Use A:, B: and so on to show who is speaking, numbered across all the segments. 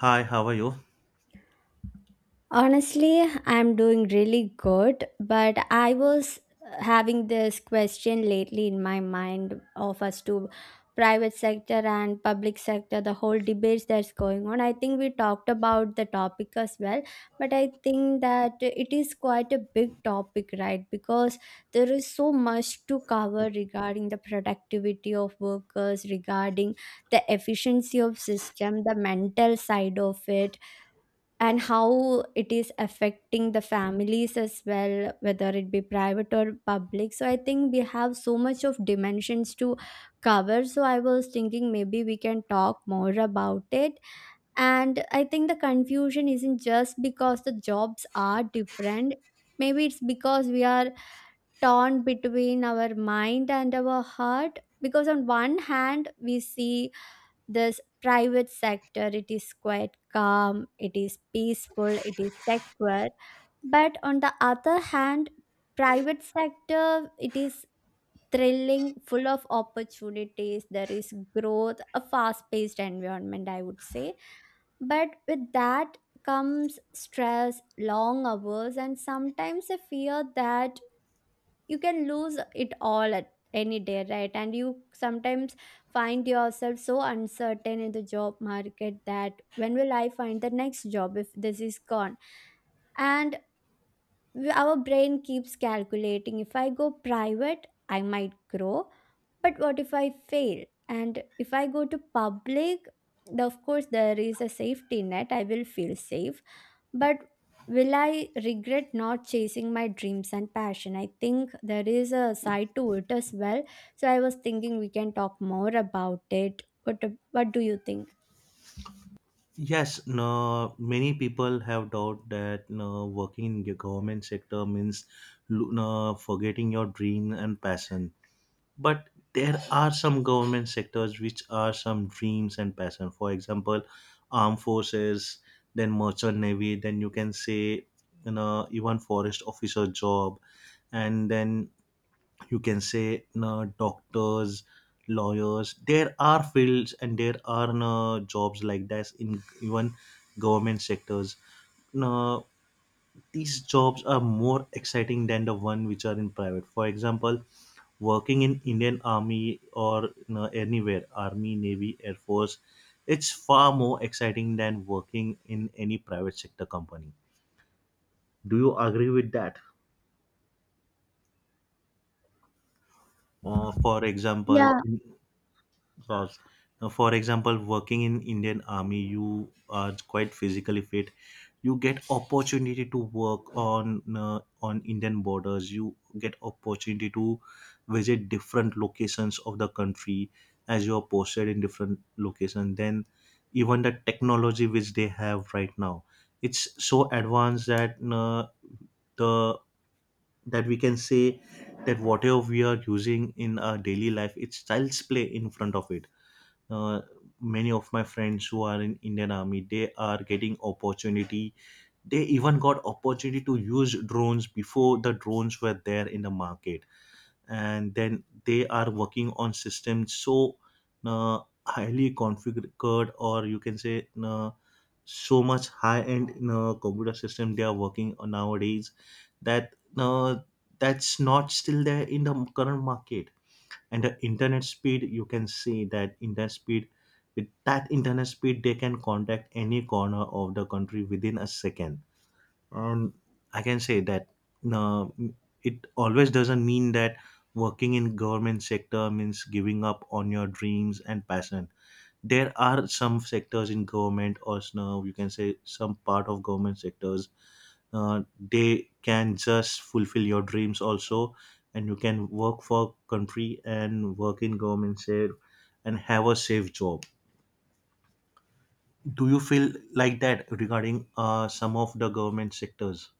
A: Hi, how are you?
B: Honestly, I'm doing really good, but I was having this question lately in my mind of us to private sector and public sector, the whole debates that's going on. I think we talked about the topic as well, but I think that it is quite a big topic, right? Because there is so much to cover regarding the productivity of workers, regarding the efficiency of system, the mental side of it, and how it is affecting the families as well, whether it be private or public. So I think we have so much of dimensions to cover, so I was thinking maybe we can talk more about it. And I think the confusion isn't just because the jobs are different. Maybe it's because we are torn between our mind and our heart, because on one hand we see this private sector, it is quite calm, it is peaceful, it is secure, but on the other hand, private sector, it is thrilling, full of opportunities. There is growth, a fast paced environment, I would say. But with that comes stress, long hours, and sometimes a fear that you can lose it all at any day, right? And you sometimes find yourself so uncertain in the job market that when will I find the next job if this is gone? And our brain keeps calculating, if I go private, I might grow, but what if I fail? And if I go to public, of course there is a safety net, I will feel safe, but will I regret not chasing my dreams and passion? I think there is a side to it as well. So I was thinking we can talk more about it. What do you think?
A: Yes, No, many people have doubt that no, working in the government sector means lo- no, forgetting your dream and passion. But there are some government sectors which are some dreams and passion. For example, armed forces, then merchant navy, then you can say you know even forest officer job, and then you can say no doctors, lawyers, there are fields and there are no jobs like that in even government sectors. No, these jobs are more exciting than the one which are in private. For example, working in Indian army or anywhere, army, navy, air force, it's far more exciting than working in any private sector company. Do you agree with that? For example,
B: Yeah.
A: course. Now, for example, working in Indian Army, you are quite physically fit. You get opportunity to work on Indian borders. You get opportunity to visit different locations of the country as you are posted in different locations. Then, even the technology which they have right now, it's so advanced that the that we can say that whatever we are using in our daily life, it's child's play in front of it. uh, Many of my friends who are in Indian army, they are getting opportunity, they even got opportunity to use drones before the drones were there in the market. And then they are working on systems, so uh, highly configured, or you can say so much high end computer system they are working on nowadays, that that's not still there in the current market. And the internet speed, you can see that internet speed, with that internet speed they can contact any corner of the country within a second. And I can say that no, it always doesn't mean that working in government sector means giving up on your dreams and passion. There are some sectors in government, or snow you can say some part of government sectors, uh, they can just fulfill your dreams also, and you can work for country and work in government share and have a safe job. Do you feel like that regarding some of the government sectors?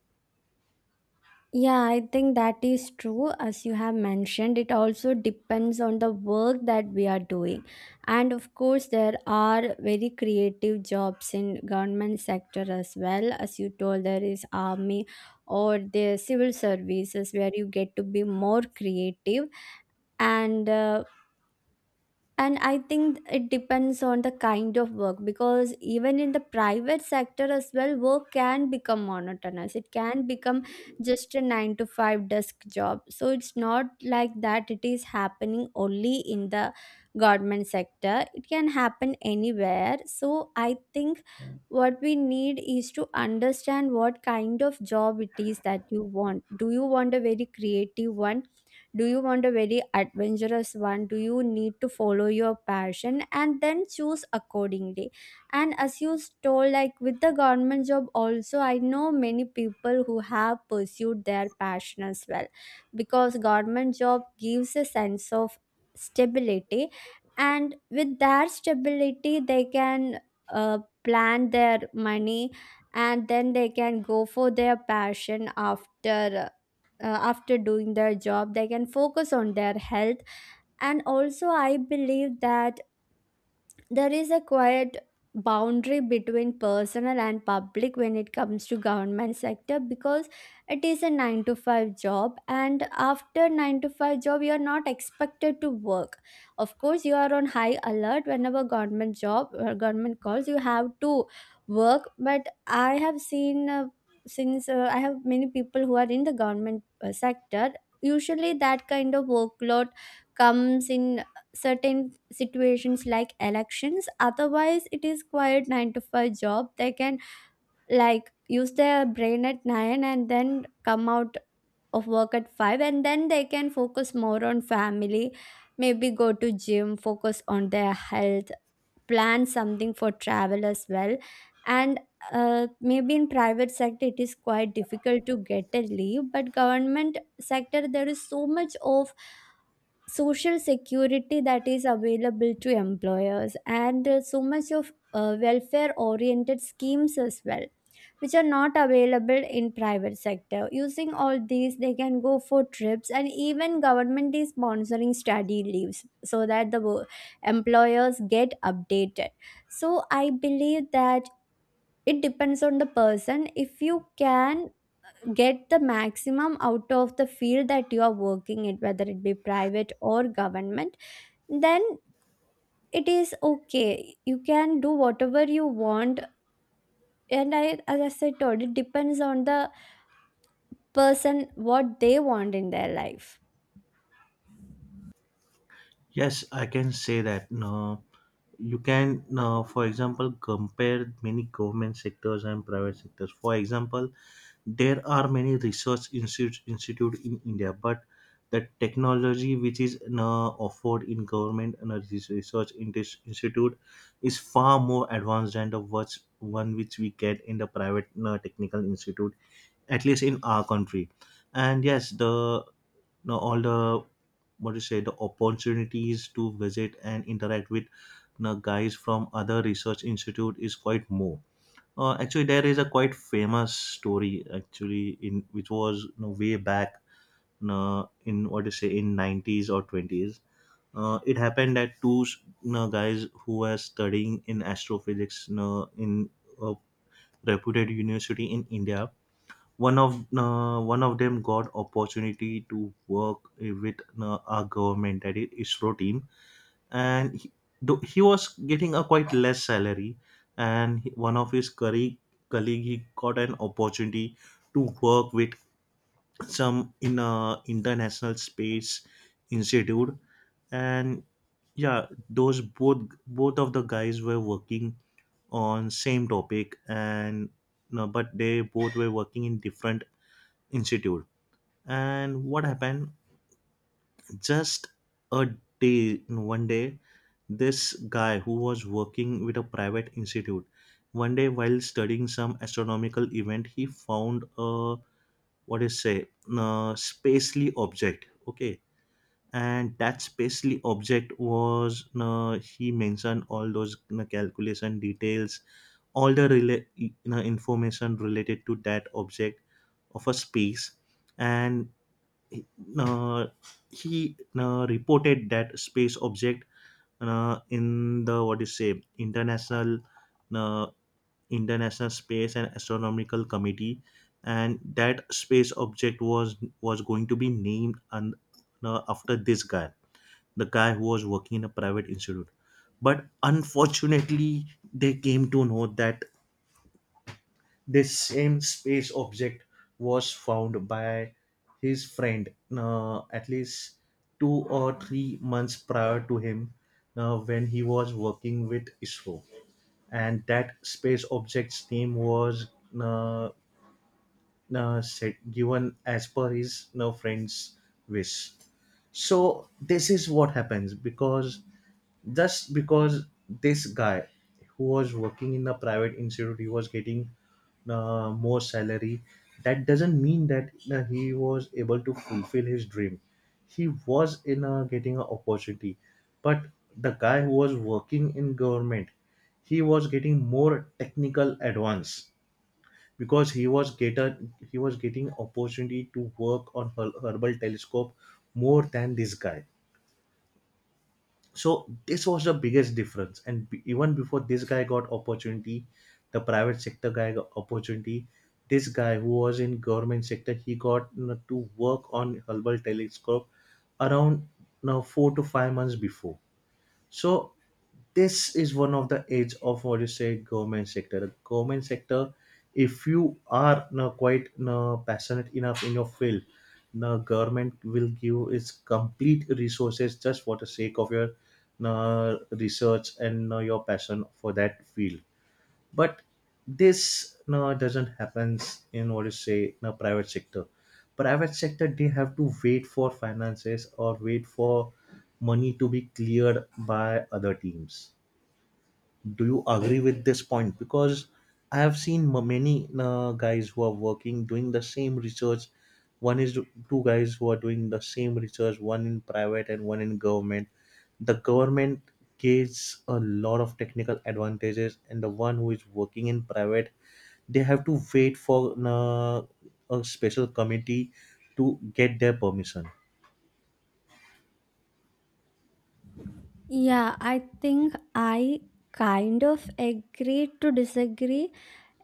B: Yeah, I think that is true. As you have mentioned, it also depends on the work that we are doing. And of course, there are very creative jobs in government sector as well. As you told, there is army or the civil services where you get to be more creative. And uh, and I think it depends on the kind of work, because even in the private sector as well, work can become monotonous. It can become just a nine to five desk job. So it's not like that it is happening only in the government sector, it can happen anywhere. So I think what we need is to understand what kind of job it is that you want. Do you want a very creative one? Do you want a very adventurous one? Do you need to follow your passion and then choose accordingly? And as you told, like with the government job also, I know many people who have pursued their passion as well, because government job gives a sense of stability. And with that stability they can plan their money, and then they can go for their passion after after doing their job. They can focus on their health. And also I believe that there is a quiet boundary between personal and public when it comes to government sector, because it is a 9 to 5 job, and after 9 to 5 job you are not expected to work. Of course you are on high alert, whenever government job or government calls, you have to work. But I have seen, since I have many people who are in the government sector. Usually that kind of workload comes in certain situations like elections. Otherwise it is quite 9 to 5 job. They can like use their brain at 9 and then come out of work at 5, and then they can focus more on family, maybe go to gym, focus on their health, plan something for travel as well. And maybe in private sector it is quite difficult to get a leave, but government sector there is so much of social security that is available to employers, and so much of welfare oriented schemes as well, which are not available in private sector. Using all these, they can go for trips, and even government is sponsoring study leaves so that the employers get updated. So I believe that it depends on the person. If you can get the maximum out of the field that you are working in, whether it be private or government, then it is okay, you can do whatever you want. And I, as I said told, it depends on the person what they want in their life.
A: Yes, I can say that you can for example compare many government sectors and private sectors. For example, there are many research institutes, institute in India, but the technology which is offered in government and this research in this institute is far more advanced than the what's one which we get in the private technical institute, at least in our country. And yes, the no all the what do you say, the opportunities to visit and interact with you know, guys from other research institute is quite more. Actually, there is a quite famous story actually, in which was you know, way back, you, in what to say, in 90s or 20s. It happened that two you know, guys who were studying in astrophysics you know, in a reputed university in India. One of them got opportunity to work with our government, that is ISRO team, and he, though he was getting a quite less salary, and one of his colleague, he got an opportunity to work with some, in a international space institute. And yeah, those, both of the guys were working on same topic, and no, but they both were working in different institute. And what happened, just a day, no, 1 day, this guy who was working with a private institute, 1 day while studying some astronomical event, he found a what is say a spacely object, okay. And that spacely object was he mentioned all those calculation details, all the information related to that object of a space. And uh, he reported that space object in the what you say international uh, international space and astronomical committee, and that space object was going to be named and after this guy, the guy who was working in a private institute. But unfortunately, they came to know that this same space object was found by his friend at least 2 or 3 months prior to him, when he was working with ISRO. And that space object's name was uh, said given as per his no friend's wish. So this is what happens, because just because this guy who was working in a private institute, he was getting more salary, that doesn't mean that he was able to fulfill his dream. He was in a, getting an opportunity, but the guy who was working in government, he was getting more technical advance, because he was getting opportunity to work on Hubble telescope more than this guy. So this was the biggest difference. And even before this guy got opportunity, the private sector guy got opportunity. This guy who was in government sector, he got you know, to work on Hubble telescope around now 4 to 5 months before. So this is one of the edge of what you say government sector. The government sector, if you are now quite now passionate enough in your field, the government will give its complete resources just for the sake of your now research and now your passion for that field. But this doesn't happens in what you say in a private sector. Private sector, they have to wait for finances, or wait for money to be cleared by other teams. Do you agree with this point? Because I have seen many guys who are working doing the same research, one is two guys who are doing the same research, one in private and one in government. The government gives a lot of technical advantages, and the one who is working in private, they have to wait for a special committee to get their permission.
B: Yeah, I think I kind of agree to disagree.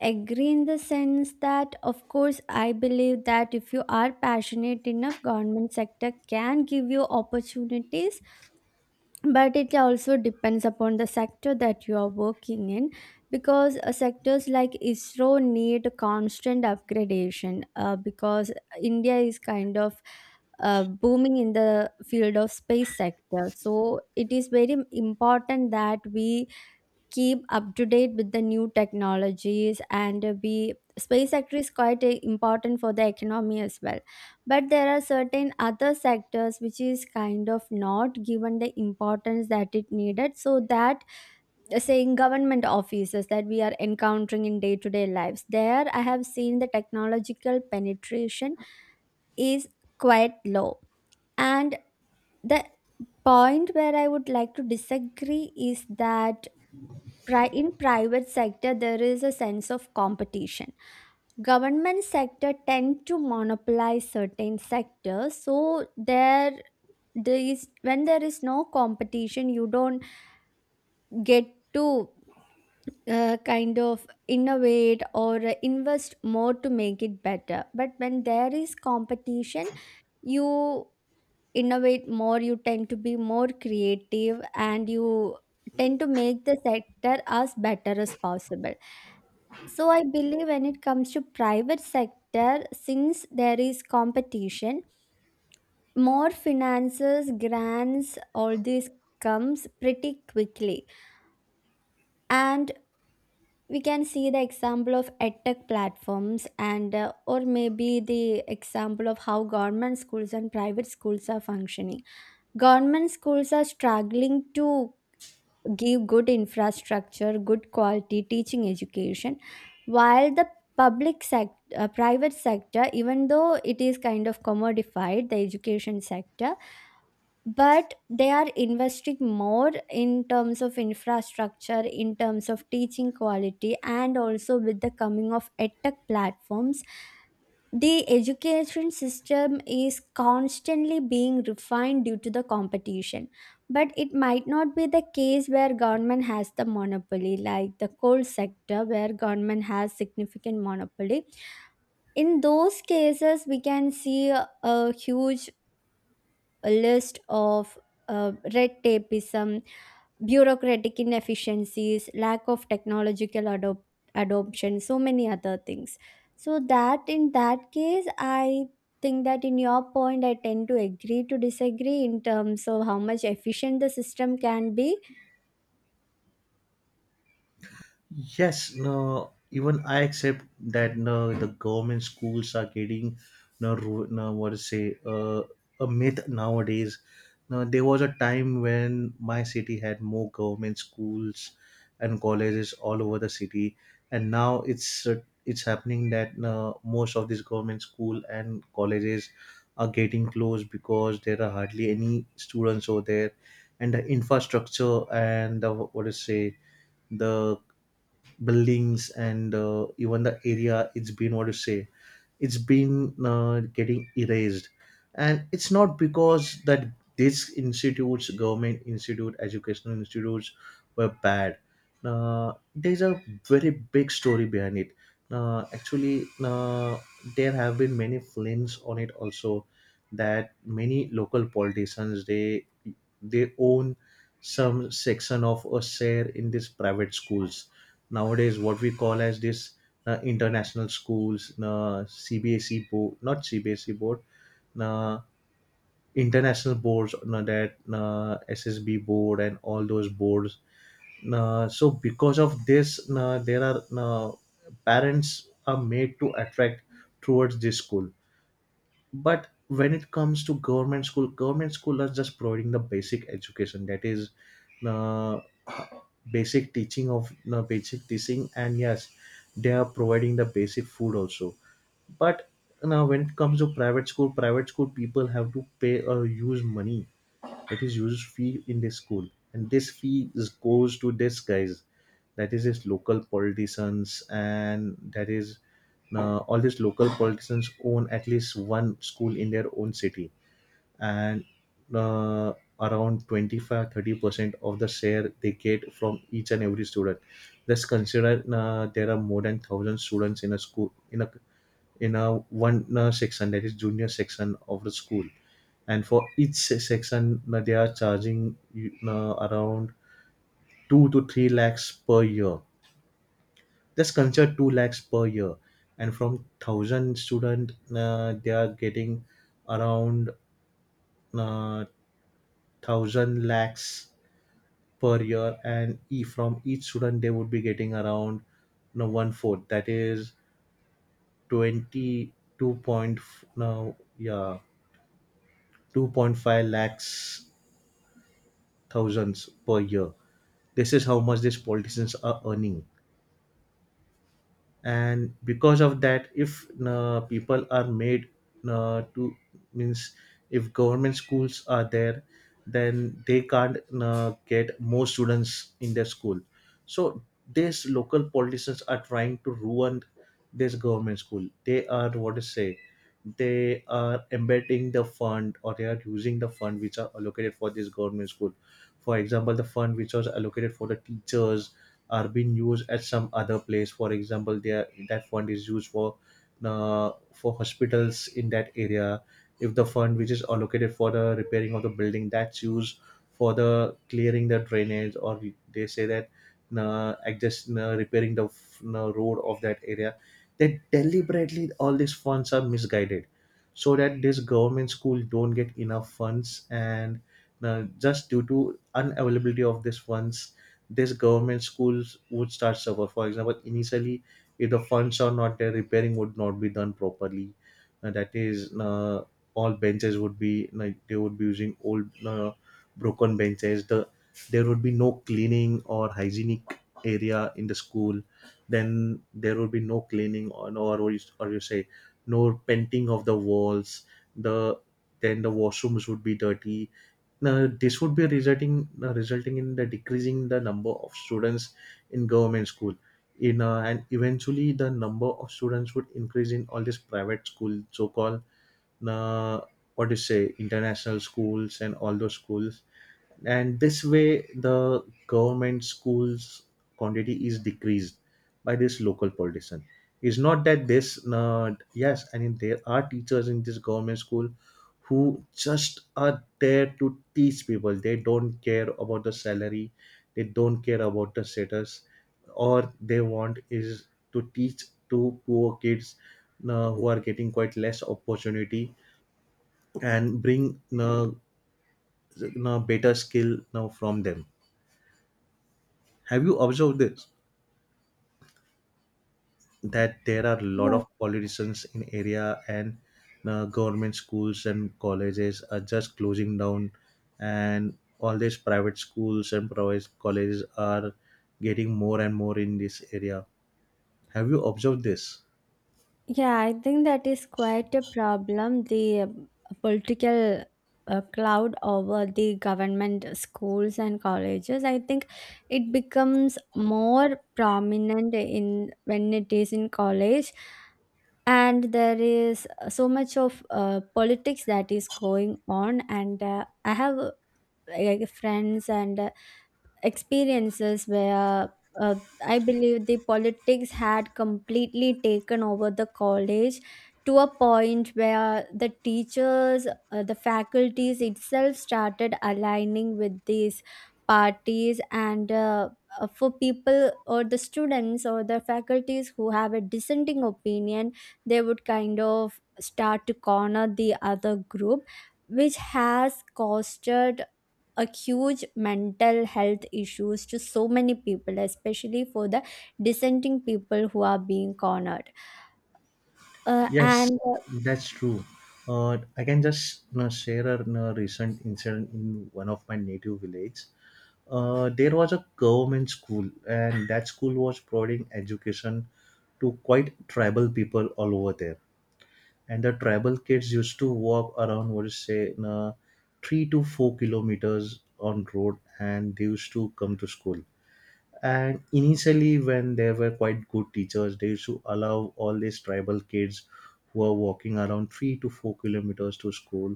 B: Agree in the sense that of course I believe that if you are passionate enough, government sector can give you opportunities, but it also depends upon the sector that you are working in, because sectors like ISRO need constant upgradation, because India is kind of booming in the field of space sector, so it is very important that we keep up to date with the new technologies, and be space sector is quite important for the economy as well. But there are certain other sectors which is kind of not given the importance that it needed, so that say government offices that we are encountering in day to day lives, there I have seen the technological penetration is quite low. And the point where I would like to disagree is that, in private sector there is a sense of competition. Government sector tend to monopolize certain sectors, so there there is, when there is no competition, you don't get to kind of innovate or invest more to make it better. But when there is competition, you innovate more, you tend to be more creative, and you tend to make the sector as better as possible. So I believe when it comes to private sector, since there is competition, more finances, grants, all this comes pretty quickly. And we can see the example of edtech platforms, and or maybe the example of how government schools and private schools are functioning. Government schools are struggling to give good infrastructure, good quality teaching education, while the public sector, private sector, even though it is kind of commodified, the education sector, but they are investing more in terms of infrastructure, in terms of teaching quality, and also with the coming of edtech platforms, the education system is constantly being refined due to the competition. But it might not be the case where government has the monopoly, like the coal sector where government has significant monopoly. In those cases we can see a huge list of red tapeism, bureaucratic inefficiencies, lack of technological adoption, so many other things. So that, in that case, I think that in your point, I tend to agree to disagree in terms of how much efficient the system can be.
A: Yes, no, even I accept that no, the government schools are getting no, ru- no what to say, a myth nowadays. No, there was a time when my city had more government schools and colleges all over the city, and now it's happening that no, most of these government school and colleges are getting closed because there are hardly any students over there, and the infrastructure and the what to say, the buildings, and even the area, it's been what to say, it's been getting erased. And it's not because that these institutes, government institute, educational institutes, were bad. There's a very big story behind it. Actually, there have been many films on it also, that many local politicians, they own some section of a share in these private schools. Nowadays what we call as this international schools, CBSE board, not CBSE board, uh, international boards, that SSB board and all those boards. So because of this, there are parents are made to attract towards this school. But when it comes to government school, government school are just providing the basic education, that is the the basic teaching, and yes, they are providing the basic food also. But now when it comes to private school, private school people have to pay or use money, that is use fee in the school. And this fee is, goes to this guys, that is his local politicians. And that is all these local politicians own at least one school in their own city. And uh, around 25, 30% of the share they get from each and every student. Let's consider there are more than 1000 students in a school, in a one section, that is junior section of the school. And for each section, they are charging you around 2 to 3 lakhs per year. That's considered 2 lakhs per year. And from 1000 student, they are getting around uh, 1000 lakhs per year. And from each student, they would be getting around you know, one fourth. That is 22 point, now, yeah, 2.5 lakhs thousands per year. This is how much these politicians are earning. And because of that, if people are made to means if government schools are there, then they can't get more students in their school. So these local politicians are trying to ruin this government school. They are, what to say, they are embedding the fund, or they are using the fund which are allocated for this government school. For example, the fund which was allocated for the teachers are being used at some other place. For example, there that fund is used for hospitals in that area. If the fund which is allocated for the repairing of the building, that's used for the clearing the drainage, or they say that adjust repairing the road of that area. That deliberately all these funds are misguided, so that this government school don't get enough funds. And just due to unavailability of these funds, this government schools would start suffer. For example, initially if the funds are not there, repairing would not be done properly. And that is all benches would be, like, they would be using old broken benches. There would be no cleaning or hygienic area in the school. Then there would be no cleaning or no or, or you say, no painting of the walls. the then the washrooms would be dirty. Now, this would be resulting resulting in the decreasing the number of students in government school. In and eventually, the number of students would increase in all these private schools, so called uh, what do you say, international schools, and all those schools. And this way the government schools quantity is decreased by this local politician. It's not that this yes, I mean, there are teachers in this government school who just are there to teach people. They don't care about the salary, they don't care about the status, or they want is to teach to poor kids who are getting quite less opportunity and bring better skill now from them. Have you observed this? That there are a lot of politicians in area and government schools and colleges are just closing down, and all these private schools and private colleges are getting more and more in this area. Have you observed this?
B: Yeah, I think that is quite a problem. The political cloud over the government schools and colleges. I think it becomes more prominent in when it is in college, and there is so much of politics that is going on. And I have like friends and experiences where uh, I believe the politics had completely taken over the college to a point where the teachers, the faculties itself started aligning with these parties, and for people or the students or the faculties who have a dissenting opinion, they would kind of start to corner the other group, which has costed a huge mental health issues to so many people, especially for the dissenting people who are being cornered.
A: Yes,
B: And
A: that's true. I can just, share a, recent incident in one of my native village. There was a government school, and that school was providing education to quite tribal people all over there. And the tribal kids used to walk around, what is say, 3 to 4 kilometers on road, and they used to come to school. And initially when there were quite good teachers, they used to allow all these tribal kids who are walking around 3 to 4 kilometers to school,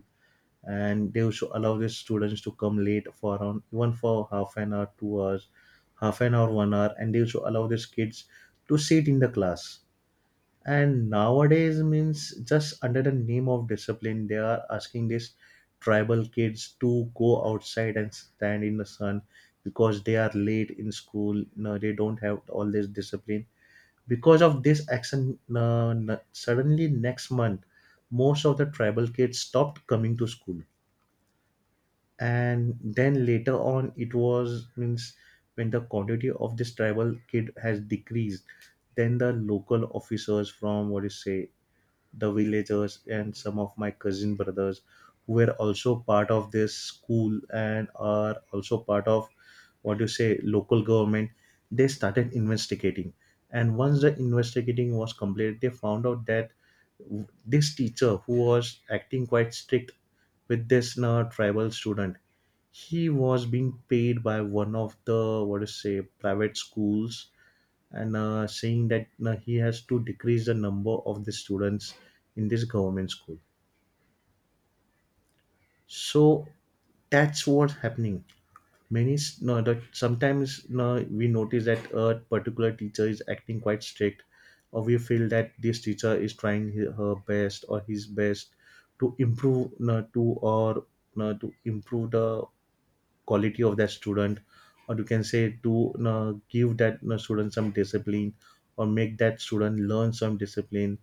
A: and they used to allow the students to come late for around even for half an hour, 2 hours, half an hour, 1 hour, and they used to allow these kids to sit in the class. And nowadays means just under the name of discipline, they are asking these tribal kids to go outside and stand in the sun because they are late in school. No, they don't have all this discipline. Because of this action, suddenly next month, most of the tribal kids stopped coming to school. And then later on, it was means when the quantity of this tribal kid has decreased, then the local officers from, what you say, the villagers, and some of my cousin brothers who were also part of this school and are also part of, what you say, local government, they started investigating. And once the investigating was completed, they found out that this teacher who was acting quite strict with this tribal student, he was being paid by one of the, what to say, private schools, and saying that he has to decrease the number of the students in this government school. So that's what's happening. No, that sometimes, no, we notice that a particular teacher is acting quite strict, or we feel that this teacher is trying her best or his best to improve, no, to or no, to improve the quality of that student, or you can say to, give that, student some discipline, or make that student learn some discipline.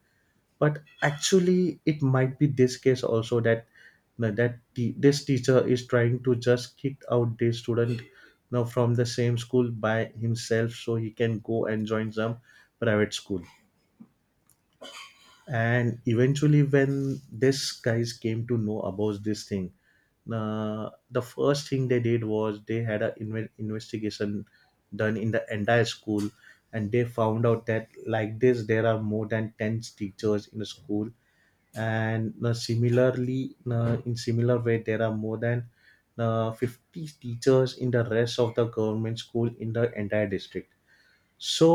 A: But actually it might be this case also that, that this teacher is trying to just kick out this student, from the same school by himself, so he can go and join some private school. And eventually when these guys came to know about this thing, the first thing they did was they had an investigation done in the entire school. And they found out that, like this, there are more than 10 teachers in the school, and similarly, in similar way there are more than 50 teachers in the rest of the government school in the entire district. So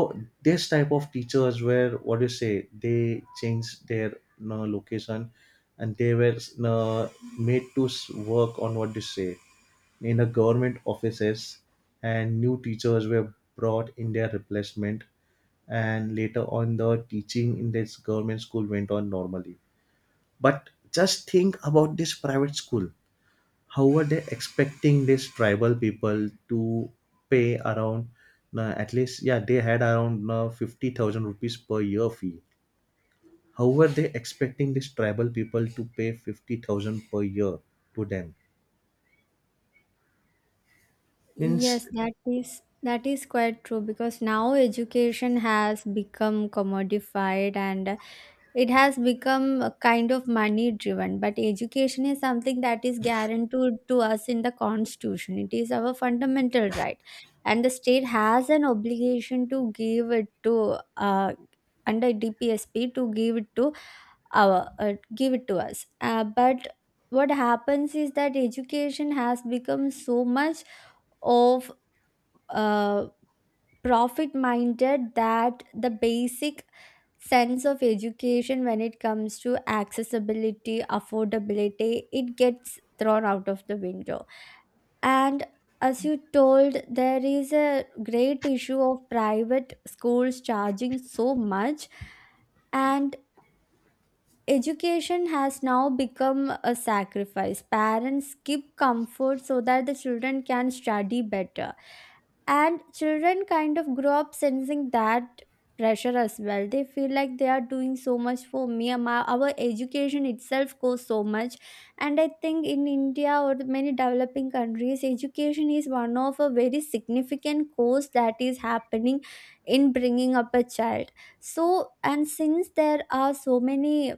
A: this type of teachers were, what do you say? They changed their, location, and they were, made to work on, what do you say, in the government offices, and new teachers were brought in their replacement. And later on, the teaching in this government school went on normally. But just think about this private school. How were they expecting these tribal people to pay around at least, yeah, they had around 50,000 rupees per year fee. How were they expecting these tribal people to pay 50,000 per year to them? Means
B: Yes, that is, that is quite true, because now education has become commodified, and it has become a kind of money driven. But education is something that is guaranteed to us in the constitution, it is our fundamental right, and the state has an obligation to give it to under DPSP, to give it to our give it to us, but what happens is that education has become so much of uh, profit minded that the basic sense of education, when it comes to accessibility, affordability, it gets thrown out of the window. And as you told, there is a great issue of private schools charging so much, and education has now become a sacrifice. Parents skip comfort so that the children can study better, and children kind of grow up sensing that pressure as well. They feel like they are doing so much for me, my, our education itself costs so much. And I think in India, or many developing countries, education is one of a very significant cost that is happening in bringing up a child. So, and since there are so many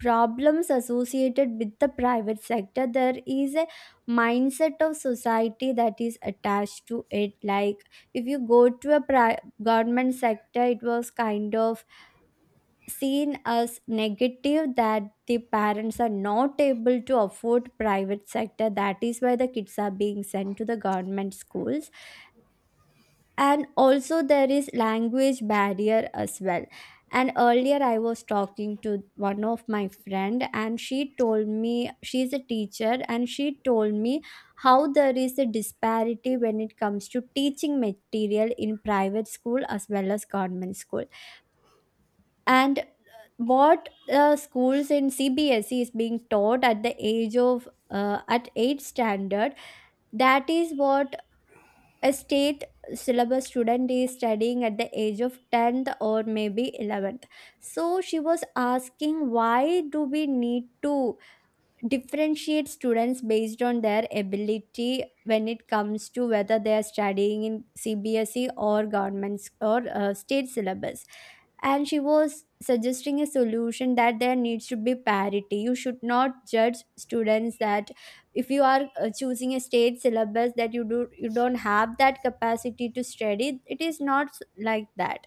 B: problems associated with the private sector, there is a mindset of society that is attached to it. Like if you go to a government sector, it was kind of seen as negative, that the parents are not able to afford private sector, that is why the kids are being sent to the government schools. And also there is language barrier as well. And earlier I was talking to one of my friend and she told me, she's a teacher, and she told me how there is a disparity when it comes to teaching material in private school as well as government school. And what schools in CBSE is being taught at the age of at 8 standard, that is what a state syllabus student is studying at the age of 10th or maybe 11th. So she was asking, why do we need to differentiate students based on their ability when it comes to whether they are studying in CBSE or governments or state syllabus? And she was suggesting a solution that there needs to be parity. You should not judge students that if you are choosing a state syllabus that you do, you don't have that capacity to study. It is not like that.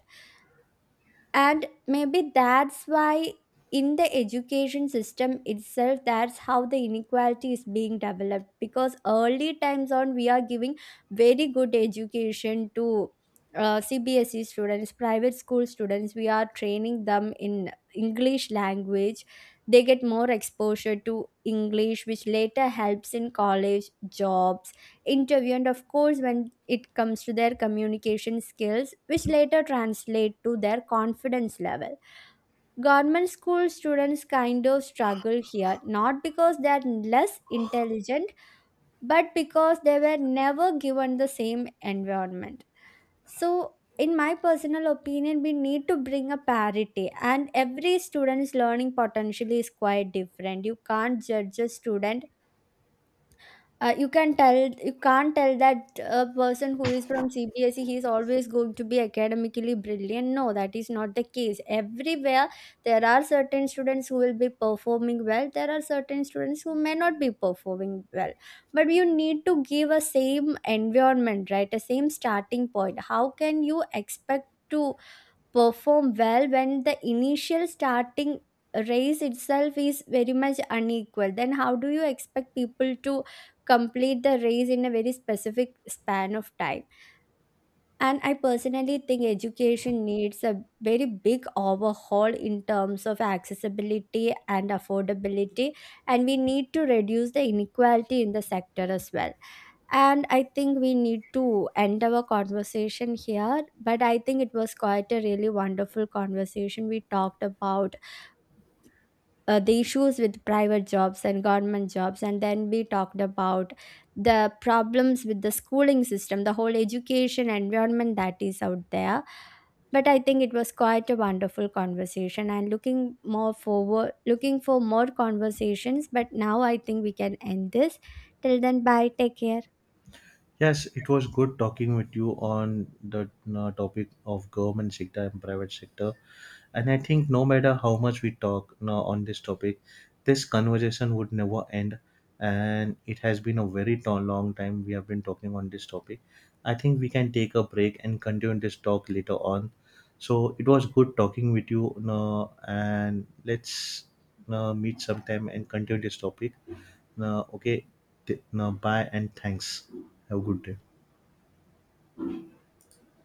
B: And maybe that's why in the education system itself, that's how the inequality is being developed, because early times on we are giving very good education to CBSE students, private school students. We are training them in English language, they get more exposure to English, which later helps in college, jobs, interview, and of course when it comes to their communication skills, which later translate to their confidence level. Government school students kind of struggle here, not because they are less intelligent, but because they were never given the same environment. So in my personal opinion, we need to bring a parity, and every student's learning potential is quite different. You can't judge a student, you can't tell that a person who is from CBSE he is always going to be academically brilliant. No, that is not the case everywhere. There are certain students who will be performing well, there are certain students who may not be performing well, but you need to give a same environment, right? A same starting point. How can you expect to perform well when the initial starting race itself is very much unequal? Then how do you expect people to complete the race in a very specific span of time? And I personally think education needs a very big overhaul in terms of accessibility and affordability. And we need to reduce the inequality in the sector as well. And I think we need to end our conversation here. But I think it was quite a really wonderful conversation. We talked about the issues with private jobs and government jobs, and then we talked about the problems with the schooling system, the whole education environment that is out there. But I think it was quite a wonderful conversation, and looking more forward, looking for more conversations, but now I think we can end this. Till then, bye, take care.
A: yes, it was good talking with you on the topic of government sector and private sector. And I think no matter how much we talk now on this topic, this conversation would never end. And it has been a very long time we have been talking on this topic. I think we can take a break and continue this talk later on. So it was good talking with you, now, and let's meet sometime and continue this topic. Okay, now bye and thanks. Have a good day.